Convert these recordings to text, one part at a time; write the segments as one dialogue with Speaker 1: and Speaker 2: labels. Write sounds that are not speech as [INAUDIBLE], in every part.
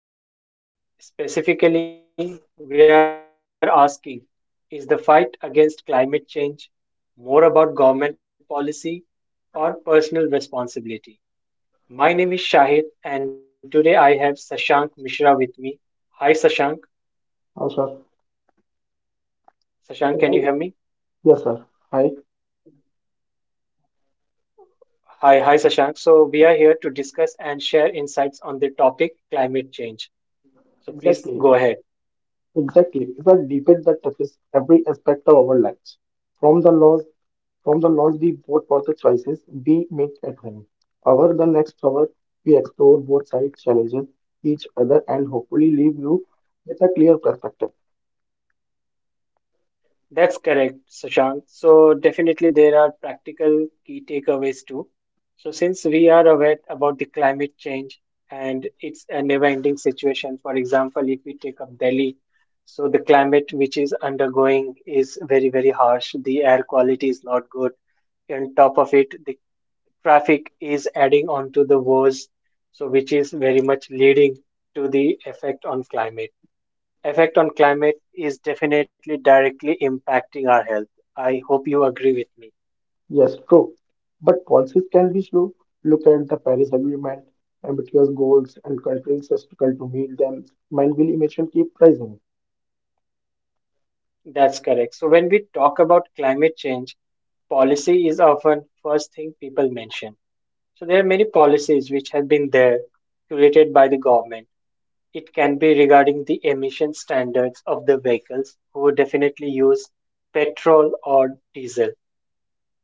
Speaker 1: topic climate change. Specifically, we are asking is the fight against climate change more about government policy or personal responsibility? My name is Shahid, and today I have Sashank Mishra with me. Hi, Sashank.
Speaker 2: Oh, sir.
Speaker 1: Sashank, can you hear me?
Speaker 2: Yes, sir. Hi.
Speaker 1: Hi, Sashank. So, we are here to discuss and share insights on the topic climate change. So please go ahead.
Speaker 2: Exactly. Exactly. It's a debate that touches every aspect of our lives. From the laws, from the laws we vote for the choices we make at home. Over the next hour, we explore both sides, challenges each other, and hopefully leave you with a clear perspective.
Speaker 1: That's correct, Sushant. So definitely there are practical key takeaways too. So since we are aware about the climate change and it's a never-ending situation, for example, if we take up Delhi, so the climate which is undergoing is very, very harsh. The air quality is not good. On top of it, the traffic is adding on to the woes. So which is very much leading to the effect on climate. Effect on climate is definitely directly impacting our health. I hope you agree with me.
Speaker 2: Yes, true. But policies can be slow. Look at the Paris Agreement, ambitious goals, and countries struggle to meet them. Mindful emission keep rising.
Speaker 1: That's correct. So when we talk about climate change, policy is often first thing people mention. So there are many policies which have been there created by the government. It can be regarding the emission standards of the vehicles who definitely use petrol or diesel.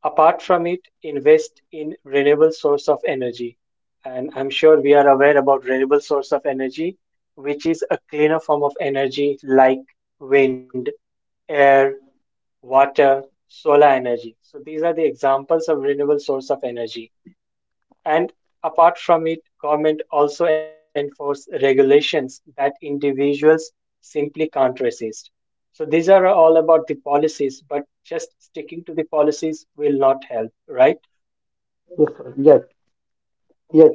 Speaker 1: Apart from it, invest in renewable source of energy. And I'm sure we are aware about renewable source of energy, which is a cleaner form of energy like wind, air, water, solar energy. So these are the examples of renewable source of energy. And apart from it, government also enforce regulations that individuals simply can't resist. So these are all about the policies, but just sticking to the policies will not help, right?
Speaker 2: Yes, sir. Yet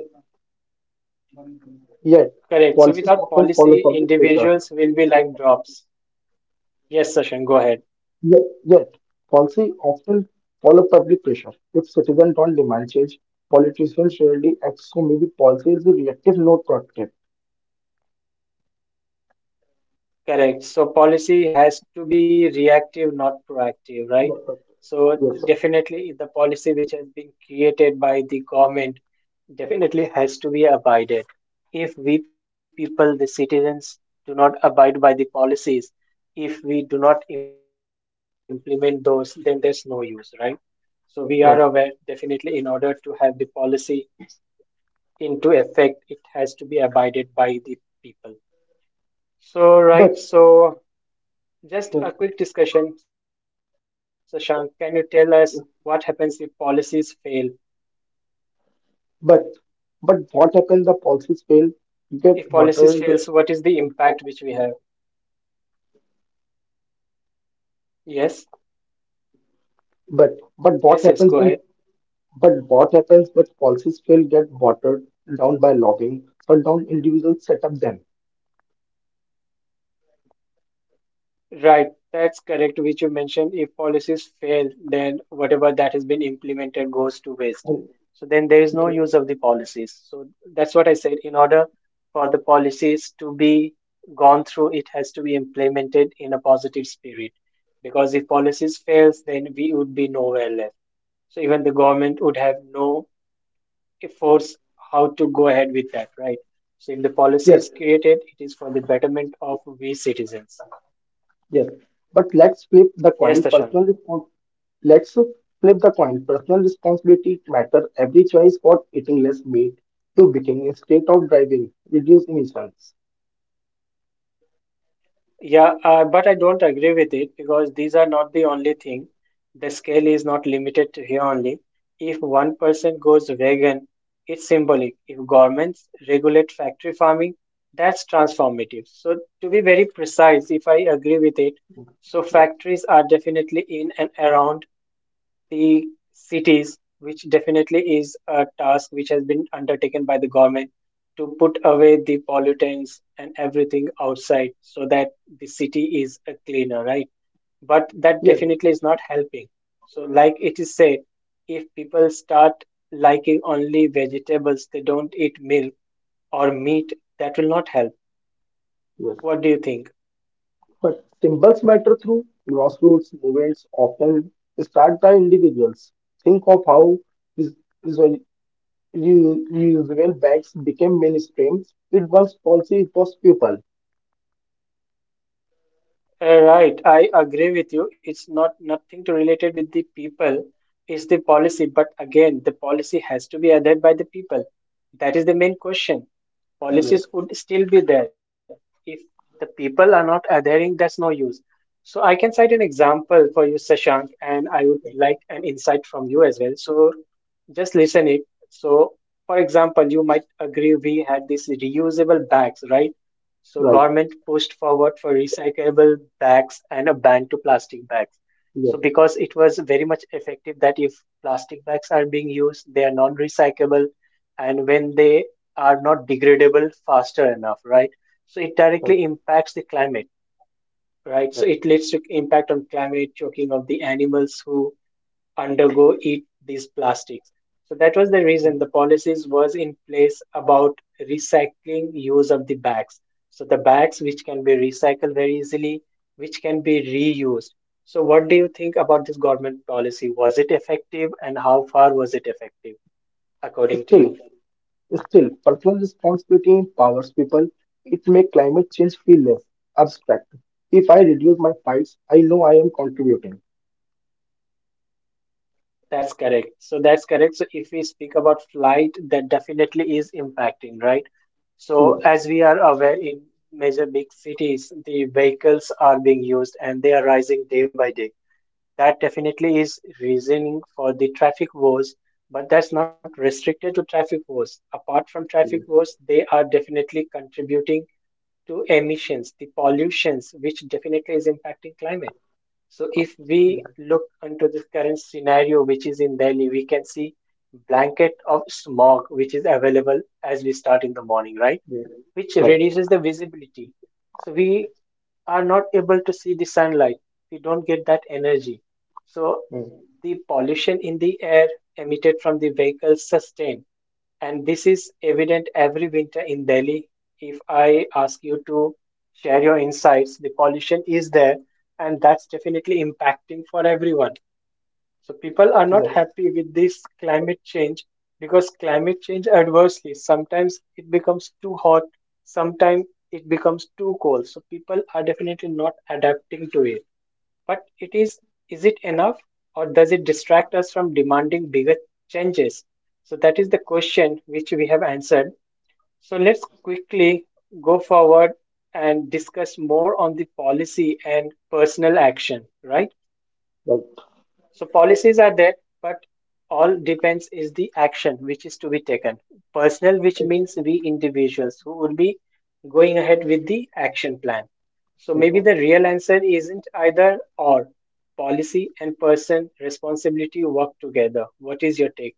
Speaker 2: Yet,
Speaker 1: Correct. So
Speaker 2: policies
Speaker 1: without
Speaker 2: often follow
Speaker 1: policy,
Speaker 2: public pressure.
Speaker 1: individuals will be like drops. Yes, Sashan, go ahead.
Speaker 2: Yet, policy often follow public pressure. If citizens don't demand change, politicians rarely act. So maybe policy is reactive, not proactive.
Speaker 1: Correct. So policy has to be reactive, not proactive, right?
Speaker 2: Yes, sir.
Speaker 1: So
Speaker 2: Yes, sir.
Speaker 1: definitely the policy which has been created by the government definitely has to be abided. If we people, the citizens, do not abide by the policies, if we do not implement those, then there's no use, right? So we are aware
Speaker 2: Yes.
Speaker 1: definitely in order to have the policy into effect, it has to be abided by the people. So, right,
Speaker 2: But,
Speaker 1: so just
Speaker 2: yes.
Speaker 1: a quick discussion. Sashank, can you tell us what happens if policies fail?
Speaker 2: but, but, what happens the policies fail, get
Speaker 1: If policies
Speaker 2: watered.
Speaker 1: fails, what is the impact which we have? Yes,
Speaker 2: But, but what
Speaker 1: yes,
Speaker 2: happens
Speaker 1: yes, go
Speaker 2: when,
Speaker 1: ahead.
Speaker 2: but what happens when policies fail, get watered down by lobbying or down individuals set up them.
Speaker 1: Right, that's correct, which you mentioned. If policies fail, then whatever that has been implemented goes to waste.
Speaker 2: And-
Speaker 1: So then there is no use of the policies. So that's what I said. In order for the policies to be gone through, it has to be implemented in a positive spirit. Because if policies fails, then we would be nowhere left. So even the government would have no force how to go ahead with that, right? So if the policy
Speaker 2: Yes,
Speaker 1: is created, it is for the betterment of we citizens.
Speaker 2: yes, but let's flip the
Speaker 1: Yes,
Speaker 2: coin.
Speaker 1: Tashan.
Speaker 2: Let's flip the coin. Personal responsibility matter. Every choice for eating less meat to baking instead of driving, reduce emissions.
Speaker 1: Yeah, but I don't agree with it because these are not the only thing. The scale is not limited to here only. If one person goes vegan, it's symbolic. If governments regulate factory farming, that's transformative. So, to be very precise, if I agree with it, so
Speaker 2: Yes,
Speaker 1: factories are definitely in and around the cities, which definitely is a task which has been undertaken by the government to put away the pollutants and everything outside so that the city is a cleaner, right? But that
Speaker 2: yes,
Speaker 1: definitely is not helping. So, like it is said, if people start liking only vegetables, they don't eat milk or meat, that will not help.
Speaker 2: yes.
Speaker 1: What do you think?
Speaker 2: But symbols matter through grassroots movements. Often start by individuals. Think of how res- resol- reusable bags became mainstream. It was policy. It was people.
Speaker 1: Right, I agree with you. It's not nothing to related with the people. It's the policy, but again, the policy has to be adhered by the people. That is the main question.
Speaker 2: Yes,
Speaker 1: Policies would still be there. If the people are not adhering, that's no use. So I can cite an example for you, Sashank, and I would
Speaker 2: yes,
Speaker 1: like an insight from you as well. So just listen it. So, for example, you might agree we had these reusable bags, right? So
Speaker 2: right.
Speaker 1: government pushed forward for recyclable bags and a ban to plastic bags.
Speaker 2: Yes,
Speaker 1: So because it was very much effective that if plastic bags are being used, they are non-recyclable, and when they are not degradable faster enough, right? So it
Speaker 2: right.
Speaker 1: directly impacts the climate, right?
Speaker 2: Yes.
Speaker 1: So it leads to impact on climate, choking of the animals who undergo eat these plastics. So that was the reason the policies was in place about recycling use of the bags. So the bags which can be recycled very easily, which can be reused. So what do you think about this government policy? Was it effective and how far was it effective according to you?
Speaker 2: Still, still, personal responsibility empowers people. It makes climate change feel less abstract. If I reduce my fights, I know I am contributing.
Speaker 1: That's correct. So that's correct. So if we speak about flight, that definitely is impacting, right? So
Speaker 2: Yes,
Speaker 1: as we are aware in major big cities, the vehicles are being used and they are rising day by day that definitely is reasoning for the traffic wars but that's not restricted to traffic wars apart from traffic
Speaker 2: yes,
Speaker 1: wars they are definitely contributing to emissions the pollutions which definitely is impacting climate so if we look into the current scenario which is in Delhi we can see blanket of smog which is available as we start in the morning right
Speaker 2: yes.
Speaker 1: which
Speaker 2: Right.
Speaker 1: reduces the visibility so we are not able to see the sunlight we don't get that energy so
Speaker 2: Mm.
Speaker 1: the pollution in the air emitted from the vehicles sustain and this is evident every winter in Delhi if I ask you to share your insights the pollution is there and that's definitely impacting for everyone so people are not
Speaker 2: Yes,
Speaker 1: happy with this climate change because climate change adversely. Sometimes it becomes too hot, sometimes it becomes too cold. So people are definitely not adapting to it. But it is it enough or does it distract us from demanding bigger changes? So that is the question which we have answered. So let's quickly go forward and discuss more on the policy and personal action, right?
Speaker 2: right.
Speaker 1: So policies are there, but all depends is the action which is to be taken. Personal, which means
Speaker 2: Exactly.
Speaker 1: we individuals who would be going ahead with the action plan. So maybe
Speaker 2: Mm.
Speaker 1: the real answer isn't either or. Policy and person responsibility work together. What is your take?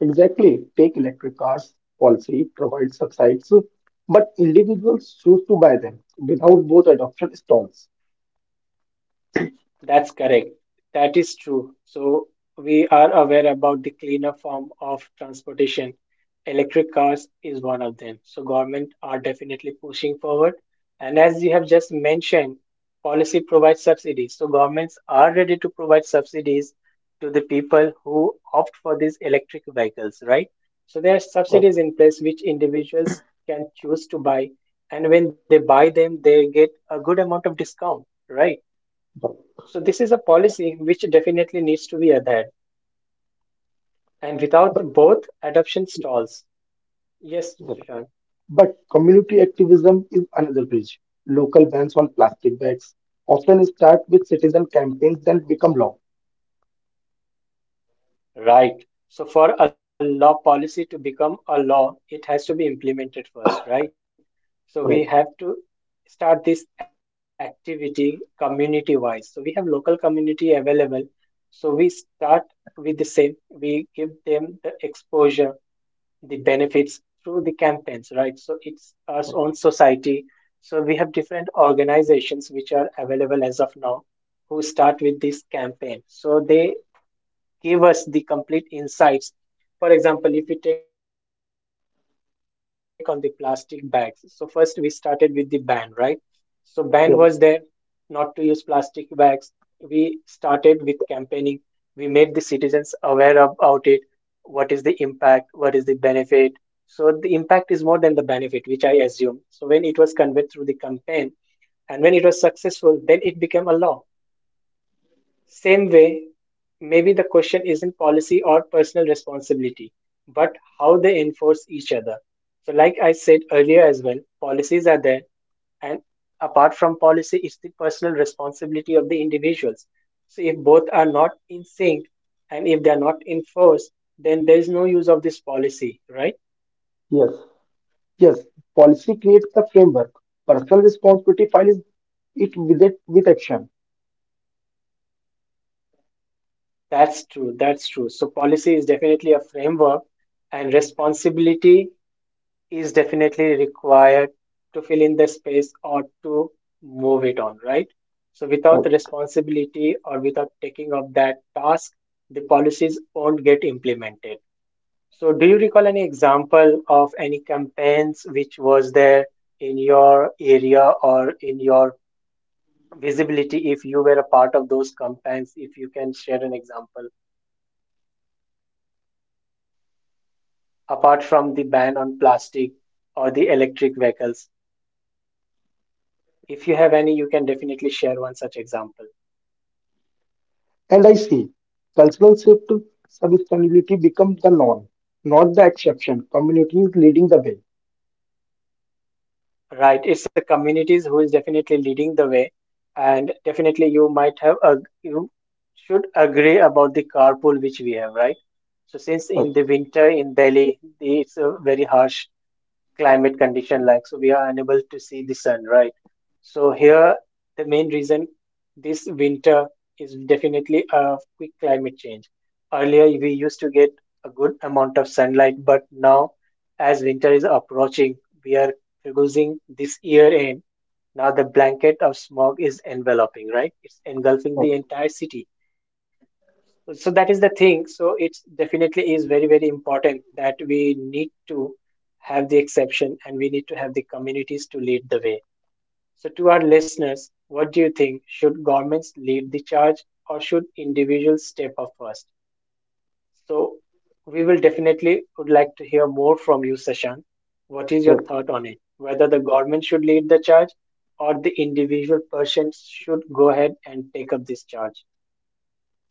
Speaker 2: Exactly. Take electric cars policy provides subsidies, but individuals choose to buy them without both adoption stalls.
Speaker 1: That's correct. That is true. So we are aware about the cleaner form of transportation. Electric cars is one of them. So government are definitely pushing forward. And as you have just mentioned, policy provides subsidies. So governments are ready to provide subsidies to the people who opt for these electric vehicles, right? So there are
Speaker 2: Right.
Speaker 1: subsidies in place which individuals can choose to buy. And when they buy them, they get a good amount of discount, right?
Speaker 2: Right.
Speaker 1: So this is a policy which definitely needs to be adhered, and without
Speaker 2: But
Speaker 1: both, adoption stalls. Yes,
Speaker 2: yes.
Speaker 1: Shashank.
Speaker 2: But community activism is another bridge. Local bans on plastic bags often start with citizen campaigns then become law.
Speaker 1: Right. So for a law policy to become a law, it has to be implemented first, right?
Speaker 2: Right.
Speaker 1: So we have to start this activity community wise. So we have local community available. So we start with the same. We give them the exposure, the benefits through the campaigns, right? So it's our
Speaker 2: Right.
Speaker 1: own society. So we have different organizations which are available as of now who start with this campaign. So they give us the complete insights. For example, if we take on the plastic bags, so first we started with the ban, right? So ban was there not to use
Speaker 2: Yes.
Speaker 1: plastic bags. We started with campaigning. We made the citizens aware about it. What is the impact? What is the benefit? So the impact is more than the benefit, which I assume. So when it was conveyed through the campaign and when it was successful, then it became a law. Same way, maybe the question isn't policy or personal responsibility, but how they enforce each other. So, like I said earlier as well, policies are there, and apart from policy, it's the personal responsibility of the individuals. So, if both are not in sync and if they are not enforced, then there is no use of this policy, right?
Speaker 2: Yes. Yes, policy creates the framework. Personal responsibility files it with action.
Speaker 1: That's true. That's true. So, policy is definitely a framework, and responsibility is definitely required to fill in the space or to move it on, right? So
Speaker 2: Right.
Speaker 1: without the responsibility or without taking up that task, the policies won't get implemented. So do you recall any example of any campaigns which was there in your area or in your visibility if you were a part of those campaigns? If you can share an example, apart from the ban on plastic or the electric vehicles, if you have any, you can definitely share one such example.
Speaker 2: And I see cultural shift to sustainability becomes the norm, not the exception. Community is leading the way.
Speaker 1: Right, it's the communities who is definitely leading the way, and definitely you might have a you should agree about the carpool which we have, right? So since in the
Speaker 2: Right.
Speaker 1: winter in Delhi, it's a very harsh climate condition, like, so we are unable to see the sun, right? So here the main reason this winter is definitely a quick climate change. Earlier we used to get a good amount of sunlight, but now as winter is approaching, we are losing this year end. Now the blanket of smog is enveloping, right, it's
Speaker 2: Right.
Speaker 1: engulfing the entire city. So that is the thing. So it definitely is very, very important that we need to have the exception and we need to have the communities to lead the way. So to our listeners, what do you think, should governments lead the charge or should individuals step up first? So we will definitely would like to hear more from you, Sashank. What is your
Speaker 2: Yes.
Speaker 1: thought on it, whether the government should lead the charge or the individual person should go ahead and take up this charge?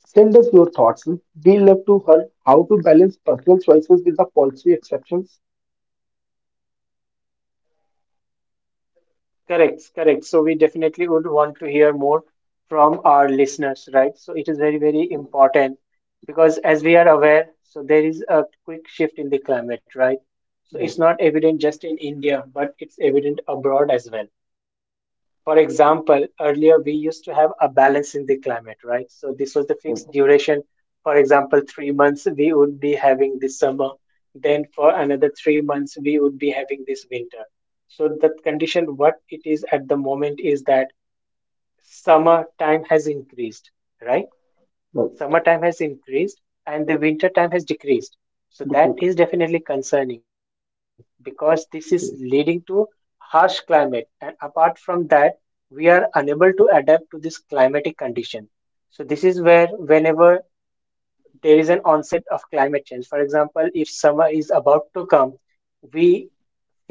Speaker 2: Send us your thoughts. We love to hear how to balance personal choices with the policy exceptions.
Speaker 1: Correct, correct. So we definitely would want to hear more from our listeners, right? So it is very, very important because as we are aware, so there is a quick shift in the climate, right? So it's
Speaker 2: Yes,
Speaker 1: not evident just in India, but it's evident abroad as well. For example, earlier we used to have a balance in the climate, right? So this was the
Speaker 2: yes,
Speaker 1: fixed duration. For example, 3 months we would be having this summer. Then for another 3 months we would be having this winter. So the condition, what it is at the moment is that summer time has increased, right?
Speaker 2: right.
Speaker 1: Summertime has increased and the winter time has decreased. So that
Speaker 2: Because-
Speaker 1: is definitely concerning because this is leading to harsh climate. And apart from that, we are unable to adapt to this climatic condition. So this is where whenever there is an onset of climate change, for example, if summer is about to come, we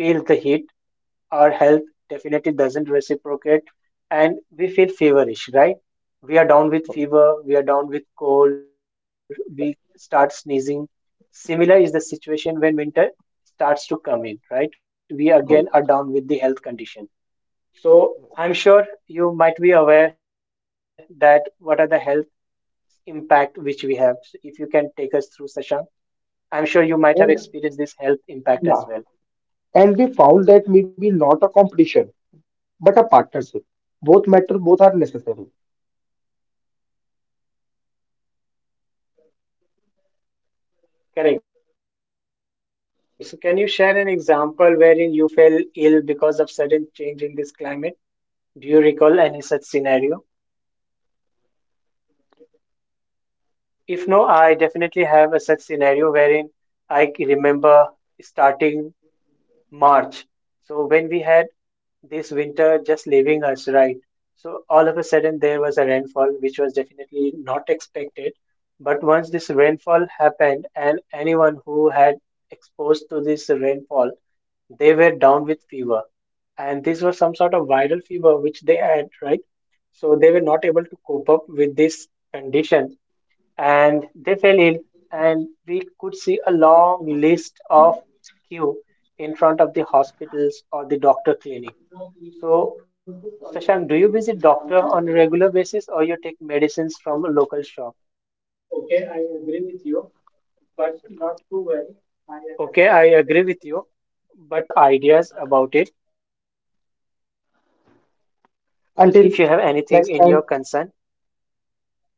Speaker 1: feel the heat, our health definitely doesn't reciprocate and we feel feverish, right? We are down with fever, we are down with cold, we start sneezing. Similar is the situation when winter starts to come in, right? We again are
Speaker 2: right.
Speaker 1: down with the health condition. So I'm sure you might be aware that what are the health impact which we have. So if you can take us through, Sashank, I'm sure you might have experienced this
Speaker 2: And
Speaker 1: health impact as well.
Speaker 2: yeah, and we found that maybe not a competition, but a partnership. Both matter, both are necessary.
Speaker 1: Correct. So, can you share an example wherein you fell ill because of sudden change in this climate? Do you recall any such scenario? If no, I definitely have a such scenario wherein I remember starting March. So, when we had this winter just leaving us, right? So all of a sudden there was a rainfall, which was definitely not expected. But once this rainfall happened, and anyone who had exposed to this rainfall, they were down with fever. And this was some sort of viral fever which they had, right? So they were not able to cope up with this condition and they fell ill. And we could see a long list of queue in front of the hospitals or the doctor clinic. So, Shashank, do you visit doctor on a regular basis or you take medicines from a local shop? Okay, I agree with you, but not to worry. I understand. So you can definitely share your ideas about it
Speaker 2: Until
Speaker 1: if
Speaker 2: next
Speaker 1: you have
Speaker 2: time,
Speaker 1: anything in your concern.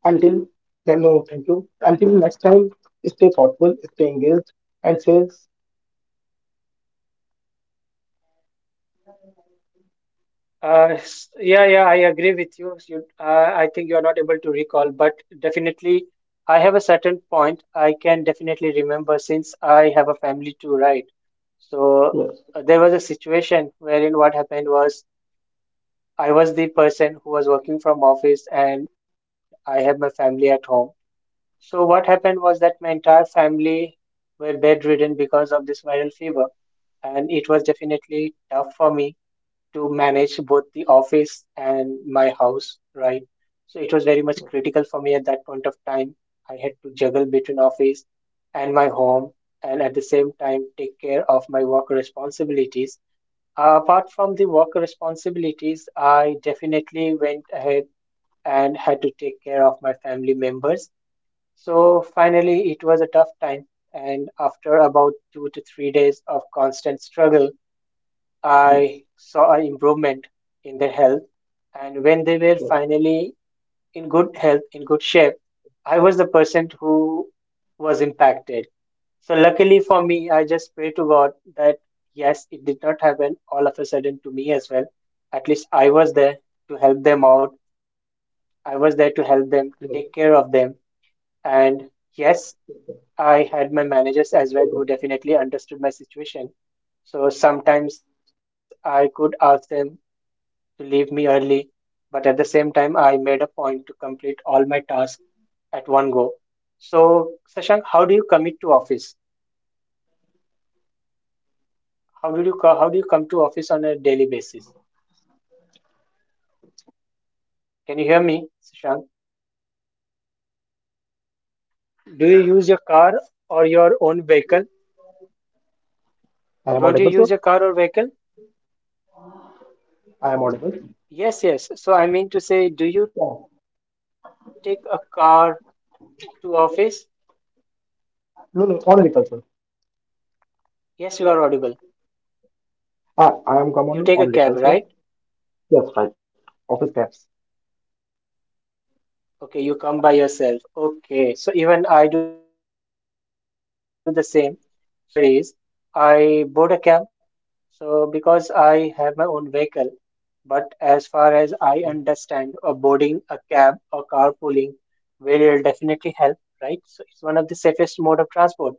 Speaker 2: until then, no, thank you. Until next time, stay thoughtful, stay engaged, and say yes,
Speaker 1: Yeah, yeah, I agree with you. You, I think you are not able to recall, but definitely, I have a certain point I can definitely remember since I have a family too, right? So
Speaker 2: yes,
Speaker 1: there was a situation wherein what happened was I was the person who was working from office and I have my family at home. So what happened was that my entire family were bedridden because of this viral fever, and it was definitely tough for me to manage both the office and my house, right? So it was very much critical for me at that point of time. I had to juggle between office and my home, and at the same time take care of my work responsibilities. Apart from the work responsibilities, I definitely went ahead and had to take care of my family members. So finally, it was a tough time. And after about 2 to 3 days of constant struggle, I
Speaker 2: yes.
Speaker 1: saw an improvement in their health, and when they were finally in good health, in good shape, I was the person who was impacted. So luckily for me, I just pray to God that yes, it did not happen all of a sudden to me as well. At least I was there to help them out. I was there to help them,
Speaker 2: Yes.
Speaker 1: take care of them. And yes, I had my managers as well who definitely understood my situation. So sometimes I could ask them to leave me early, but at the same time, I made a point to complete all my tasks at one go. So, Sashank, how do you commit to office? How do you come to office on a daily basis? Can you hear me, Sashank? Do you use your car or your own vehicle?
Speaker 2: I am
Speaker 1: Don't you
Speaker 2: audible,
Speaker 1: use
Speaker 2: sir.
Speaker 1: your car or vehicle?
Speaker 2: I am audible.
Speaker 1: Yes, yes. So I mean to say, do you take a
Speaker 2: Yeah.
Speaker 1: car to office? Yes, you are audible.
Speaker 2: No, no, honorable, sir. I am common
Speaker 1: You
Speaker 2: on
Speaker 1: take a
Speaker 2: little,
Speaker 1: cab,
Speaker 2: so
Speaker 1: right?
Speaker 2: yes, right. Office caps.
Speaker 1: Okay, you come by yourself. Okay, so even I do the same. So since this is a climatic condition is not good, so what I prefer is I board a cab. So because I have my own vehicle, but as far as I understand, a boarding a cab or carpooling will definitely help, right? So it's one of the safest mode of transport.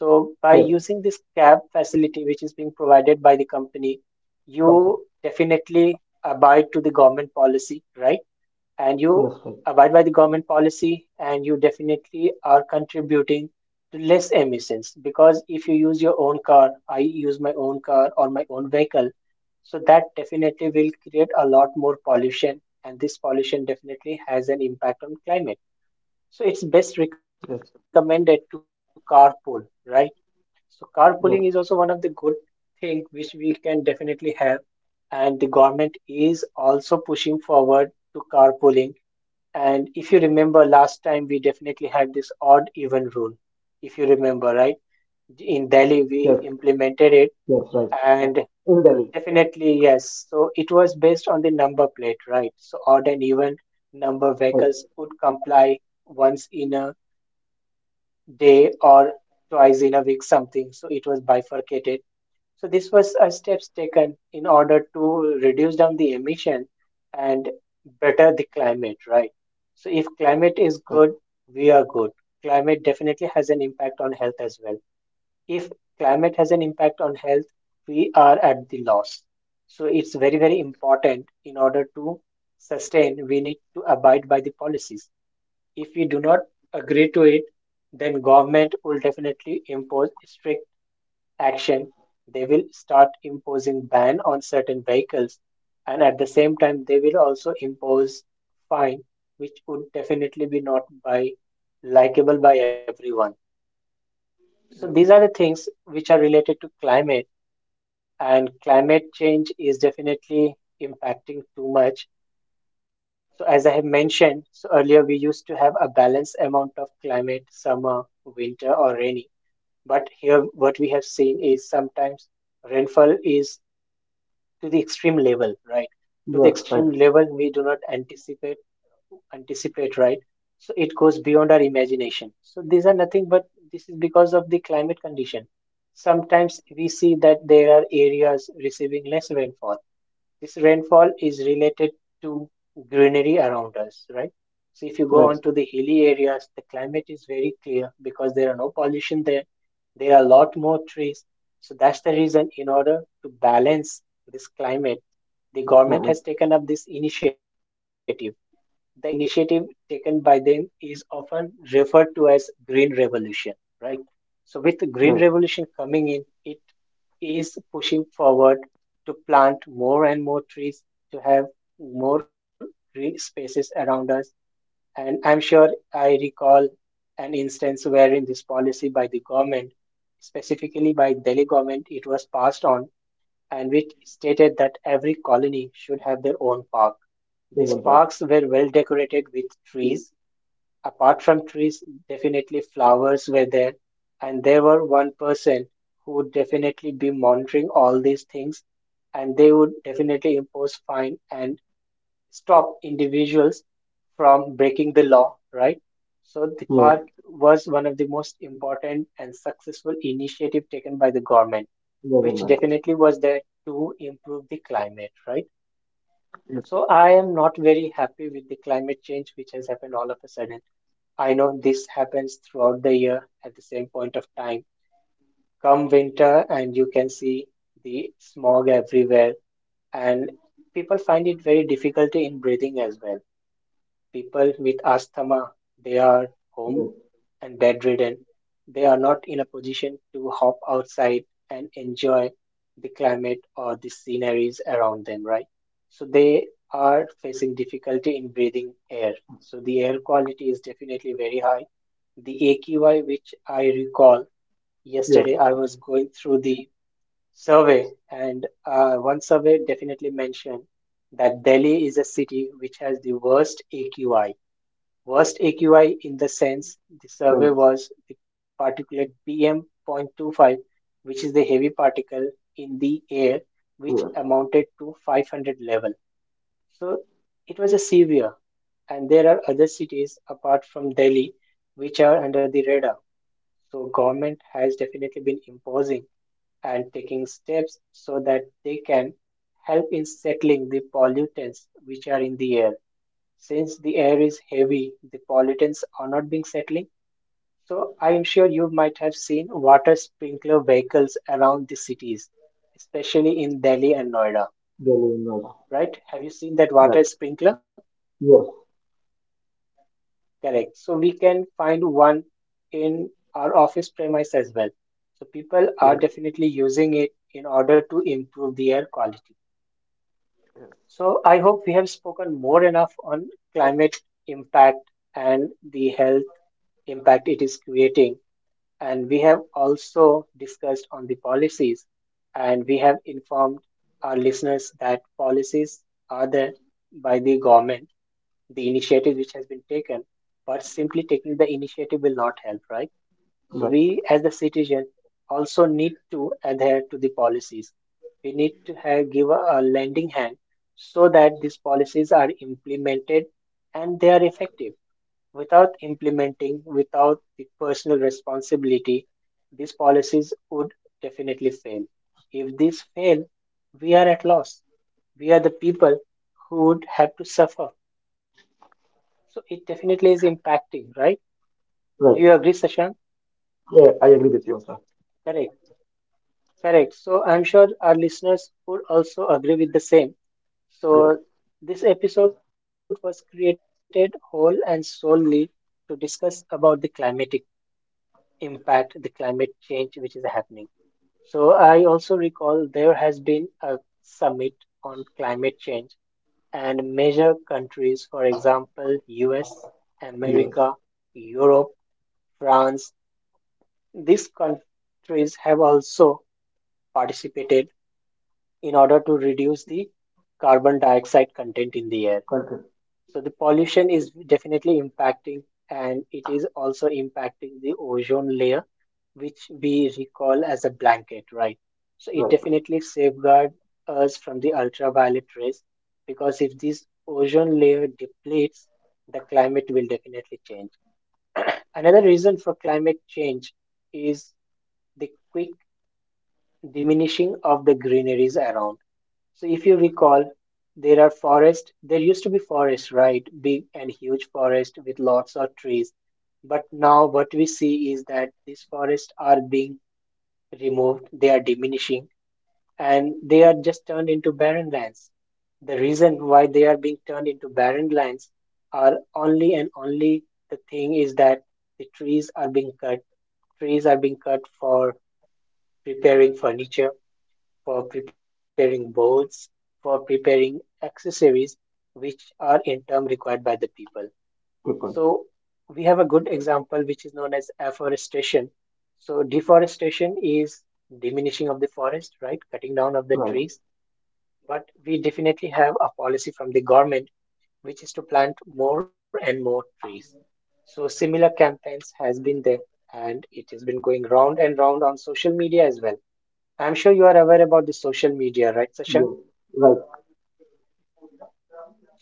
Speaker 1: So by
Speaker 2: Yes,
Speaker 1: using this cab facility, which is being provided by the company,
Speaker 2: company.
Speaker 1: you definitely abide to the government policy, right? And
Speaker 2: Yes,
Speaker 1: you
Speaker 2: right.
Speaker 1: abide by the government policy, and you definitely are contributing to less emissions because if you use your own car, I use my own car or my own vehicle, so that definitely will create a lot more pollution, and this pollution definitely has an impact on climate. So it's best
Speaker 2: Yes,
Speaker 1: recommended to carpool, right? So carpooling is also one of the
Speaker 2: yes,
Speaker 1: good thing which we can definitely have. And the government is also pushing forward to carpooling. And if you remember last time, we definitely had this odd even rule. If you remember, right?
Speaker 2: yes,
Speaker 1: In Delhi, we
Speaker 2: yes, right.
Speaker 1: implemented it.
Speaker 2: In Delhi.
Speaker 1: And definitely, yes. So it was based on the number plate, right? So odd and even
Speaker 2: Right,
Speaker 1: number vehicles would comply once in a day or twice in a week, something, so it was bifurcated. So this was a steps taken in order to reduce down the emission and better the climate, right? So if climate
Speaker 2: right.
Speaker 1: is good, we are good. Climate definitely has an impact on health as well. If climate has an impact on health, we are at the loss. So it's very, very important in order to sustain, we need to abide by the policies. If we do not agree to it, then government will definitely impose strict action. They will start imposing ban on certain vehicles, and at the same time, they will also impose fine, which would definitely be not by likable by everyone. So
Speaker 2: Yes,
Speaker 1: these are the things which are related to climate, and climate change is definitely impacting too much. So as I have mentioned, so earlier we used to have a balanced amount of climate, summer, winter, or rainy. But here, what we have seen is sometimes rainfall is to the extreme level, right? To the
Speaker 2: yes,
Speaker 1: extreme
Speaker 2: right,
Speaker 1: level we do not anticipate, right? So it goes beyond our imagination. So these are nothing but this is because of the climate condition. Sometimes we see that there are areas receiving less rainfall. This rainfall is related to greenery around us, right? So if you go on to
Speaker 2: right,
Speaker 1: the hilly areas, the climate is very clear because there are no pollution there. There are a lot more trees. So that's the reason in order to balance this climate, the government
Speaker 2: right,
Speaker 1: has
Speaker 2: right,
Speaker 1: taken up this initiative. The initiative taken by them is often referred to as green revolution, right? So with the green
Speaker 2: right.
Speaker 1: revolution coming in, it is pushing forward to plant more and more trees to have more green spaces around us. And I'm sure I recall an instance wherein this policy by the government, specifically by Delhi government, it was passed on and which stated that every colony should have their own park. These
Speaker 2: Woman park.
Speaker 1: parks were well decorated with trees. Apart from trees, definitely flowers were there, and there were one person who would definitely be monitoring all these things, and they would definitely impose fine and stop individuals from breaking the law, right? So the
Speaker 2: Yes,
Speaker 1: park was one of the most important and successful initiative taken by the government, which
Speaker 2: government.
Speaker 1: definitely was there to improve the climate, right? So
Speaker 2: Yes,
Speaker 1: I am not very happy with the climate change which has happened all of a sudden. I know this happens throughout the year at the same point of time. Come winter, and you can see the smog everywhere, and people find it very difficult in breathing as well. People with asthma, they are home
Speaker 2: yes,
Speaker 1: and bedridden. They are not in a position to hop outside and enjoy the climate or the sceneries around them, right? So they are facing difficulty in breathing air. So the air quality is definitely very high. The AQI, which I recall yesterday,
Speaker 2: yes,
Speaker 1: I was going through the survey, and one survey definitely mentioned that Delhi is a city which has the worst AQI. Worst AQI in the sense the survey
Speaker 2: sense.
Speaker 1: was the particulate PM 0.25, which is the heavy particle in the air, which
Speaker 2: Yes,
Speaker 1: amounted to 500 level. So it was a severe, and there are other cities apart from Delhi which are under the radar. So government has definitely been imposing and taking steps so that they can help in settling the pollutants which are in the air. Since the air is heavy, the pollutants are not being settling. So I am sure you might have seen water sprinkler vehicles around the cities, especially in Delhi and Noida,
Speaker 2: Delhi in Noida.
Speaker 1: right? Have you seen that water
Speaker 2: Right.
Speaker 1: sprinkler?
Speaker 2: Yes,
Speaker 1: Correct. So we can find one in our office premise as well. So people are
Speaker 2: yes,
Speaker 1: definitely using it in order to improve the air quality.
Speaker 2: yes.
Speaker 1: So I hope we have spoken more enough on climate impact and the health impact it is creating. And we have also discussed on the policies and we have informed our listeners that policies are there by the government, the initiative which has been taken, but simply taking the initiative will not help, right? So
Speaker 2: Right,
Speaker 1: we as the citizens also need to adhere to the policies. We need to have, give a lending hand so that these policies are implemented and they are effective. Without implementing, without the personal responsibility, these policies would definitely fail. If these fail, we are at loss. We are the people who would have to suffer. So it definitely is impacting, right? Do you
Speaker 2: right.
Speaker 1: agree, Sashank?
Speaker 2: Yeah, I agree with you, sir.
Speaker 1: Correct. Correct. So I'm sure our listeners would also agree with the same.
Speaker 2: Yes,
Speaker 1: So this episode was created whole and solely to discuss about the climatic impact, the climate change which is happening. So I also recall there has been a summit on climate change and major countries, for example, US,
Speaker 2: yes.
Speaker 1: America, Europe, France, these countries have also participated in order to reduce the carbon dioxide content in the air.
Speaker 2: Country.
Speaker 1: So the pollution is definitely impacting and it is also impacting the ozone layer, which we recall as a blanket, right? So it
Speaker 2: Right.
Speaker 1: definitely safeguards us from the ultraviolet rays because if this ozone layer depletes, the climate will definitely change. [CLEARS THROAT] Another reason for climate change is the quick diminishing of the greeneries around. So if you recall, there are forests. There used to be forests, right? Big and huge forest with lots of trees. But now what we see is that these forests are being removed. They are diminishing and they are just turned into barren lands. The reason why they are being turned into barren lands are only and only the thing is that the trees are being cut. Trees are being cut for preparing furniture for preparing boards, for preparing accessories, which are in turn required by the people.
Speaker 2: People.
Speaker 1: So we have a good example which is known as afforestation. So deforestation is diminishing of the forest, right? Cutting down of the
Speaker 2: Right.
Speaker 1: trees. But we definitely have a policy from the government which is to plant more and more trees. So similar campaigns has been there and it has been going round and round on social media as well. I'm sure you are aware about the social media, right, Sasha?
Speaker 2: Yes. Right.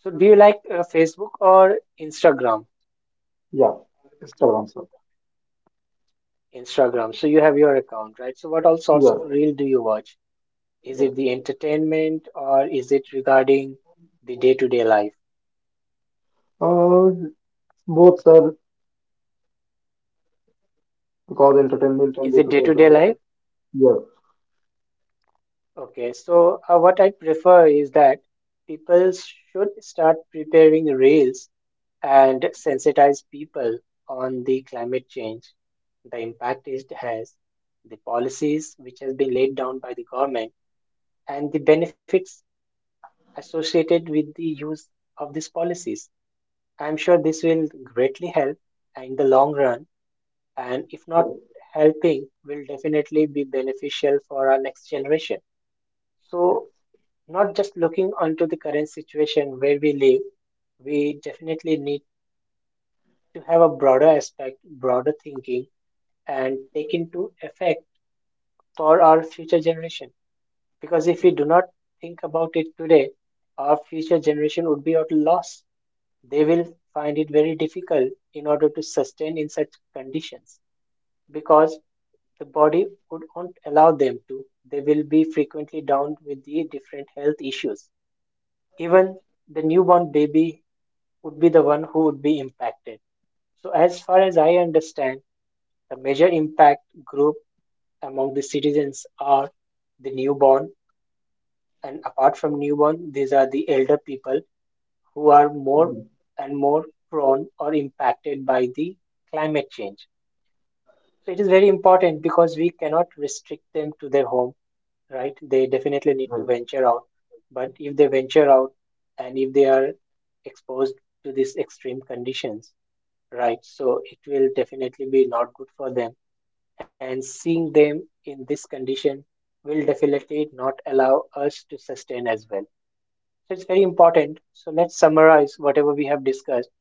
Speaker 1: So do you like Facebook or Instagram?
Speaker 2: Yeah, Instagram, sir.
Speaker 1: Instagram. So you have your account, right? So what all sorts
Speaker 2: Yeah,
Speaker 1: of reel do you watch? Is
Speaker 2: yeah.
Speaker 1: it the entertainment or is it regarding the day-to-day life?
Speaker 2: Uh, both, sir, because entertainment and
Speaker 1: Is it
Speaker 2: day-to-day
Speaker 1: day-to-day
Speaker 2: life.
Speaker 1: life?
Speaker 2: Yeah,
Speaker 1: Okay. So what I prefer is that people should start preparing reels and sensitize people on the climate change, the impact it has, the policies which has been laid down by the government, and the benefits associated with the use of these policies. I'm sure this will greatly help in the long run, and if not
Speaker 2: yeah,
Speaker 1: helping, will definitely be beneficial for our next generation.
Speaker 2: yes,
Speaker 1: So, not just looking onto the current situation where we live, we definitely need to have a broader aspect, broader thinking, and take into effect for our future generation. Because if we do
Speaker 2: yes.
Speaker 1: not think about it today, our future generation would be at a loss. They will find it very difficult in order to sustain in such conditions because the body would not allow them to. They will be frequently down with the different health issues. Even the newborn baby would be the one who would be impacted. So, as far as I understand, the major impact group among the citizens are the newborn, and apart from newborn, these are the elder people who are more
Speaker 2: Yes,
Speaker 1: and more prone or impacted by the climate change. So it is very important because we cannot restrict them to their home, right? They definitely need
Speaker 2: right,
Speaker 1: to venture out. But if they venture out and if they are exposed to these extreme conditions, right? So it will definitely be not good for them. And seeing them in this condition will definitely not allow us to sustain as well. So it's very important. So let's summarize whatever we have discussed.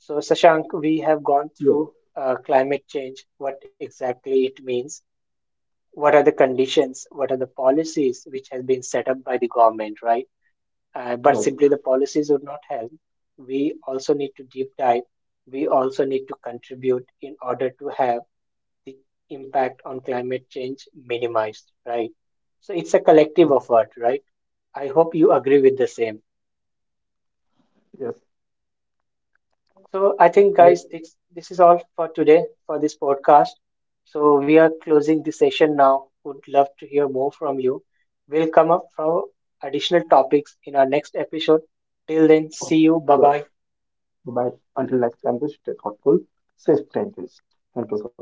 Speaker 1: So, Sashank, we have gone
Speaker 2: yes,
Speaker 1: through climate change, what exactly it means, what are the conditions, what are the policies which has been set up by the government, right?
Speaker 2: right.
Speaker 1: But simply the policies would not help. We also need to deep dive. We also need to contribute in order to have the impact on climate change minimized, right? So it's a
Speaker 2: uh,
Speaker 1: collective effort, right? I hope you agree with the same.
Speaker 2: Yes,
Speaker 1: So I think,
Speaker 2: I.
Speaker 1: guys, this is all for today for this podcast. So we are closing the session now. Would love to hear more from you. We'll come up for additional topics in our next episode. Till then, see
Speaker 2: Oh,
Speaker 1: you. Bye bye.
Speaker 2: bye. Until next time, please stay thoughtful, safe changes. Thank you, sir.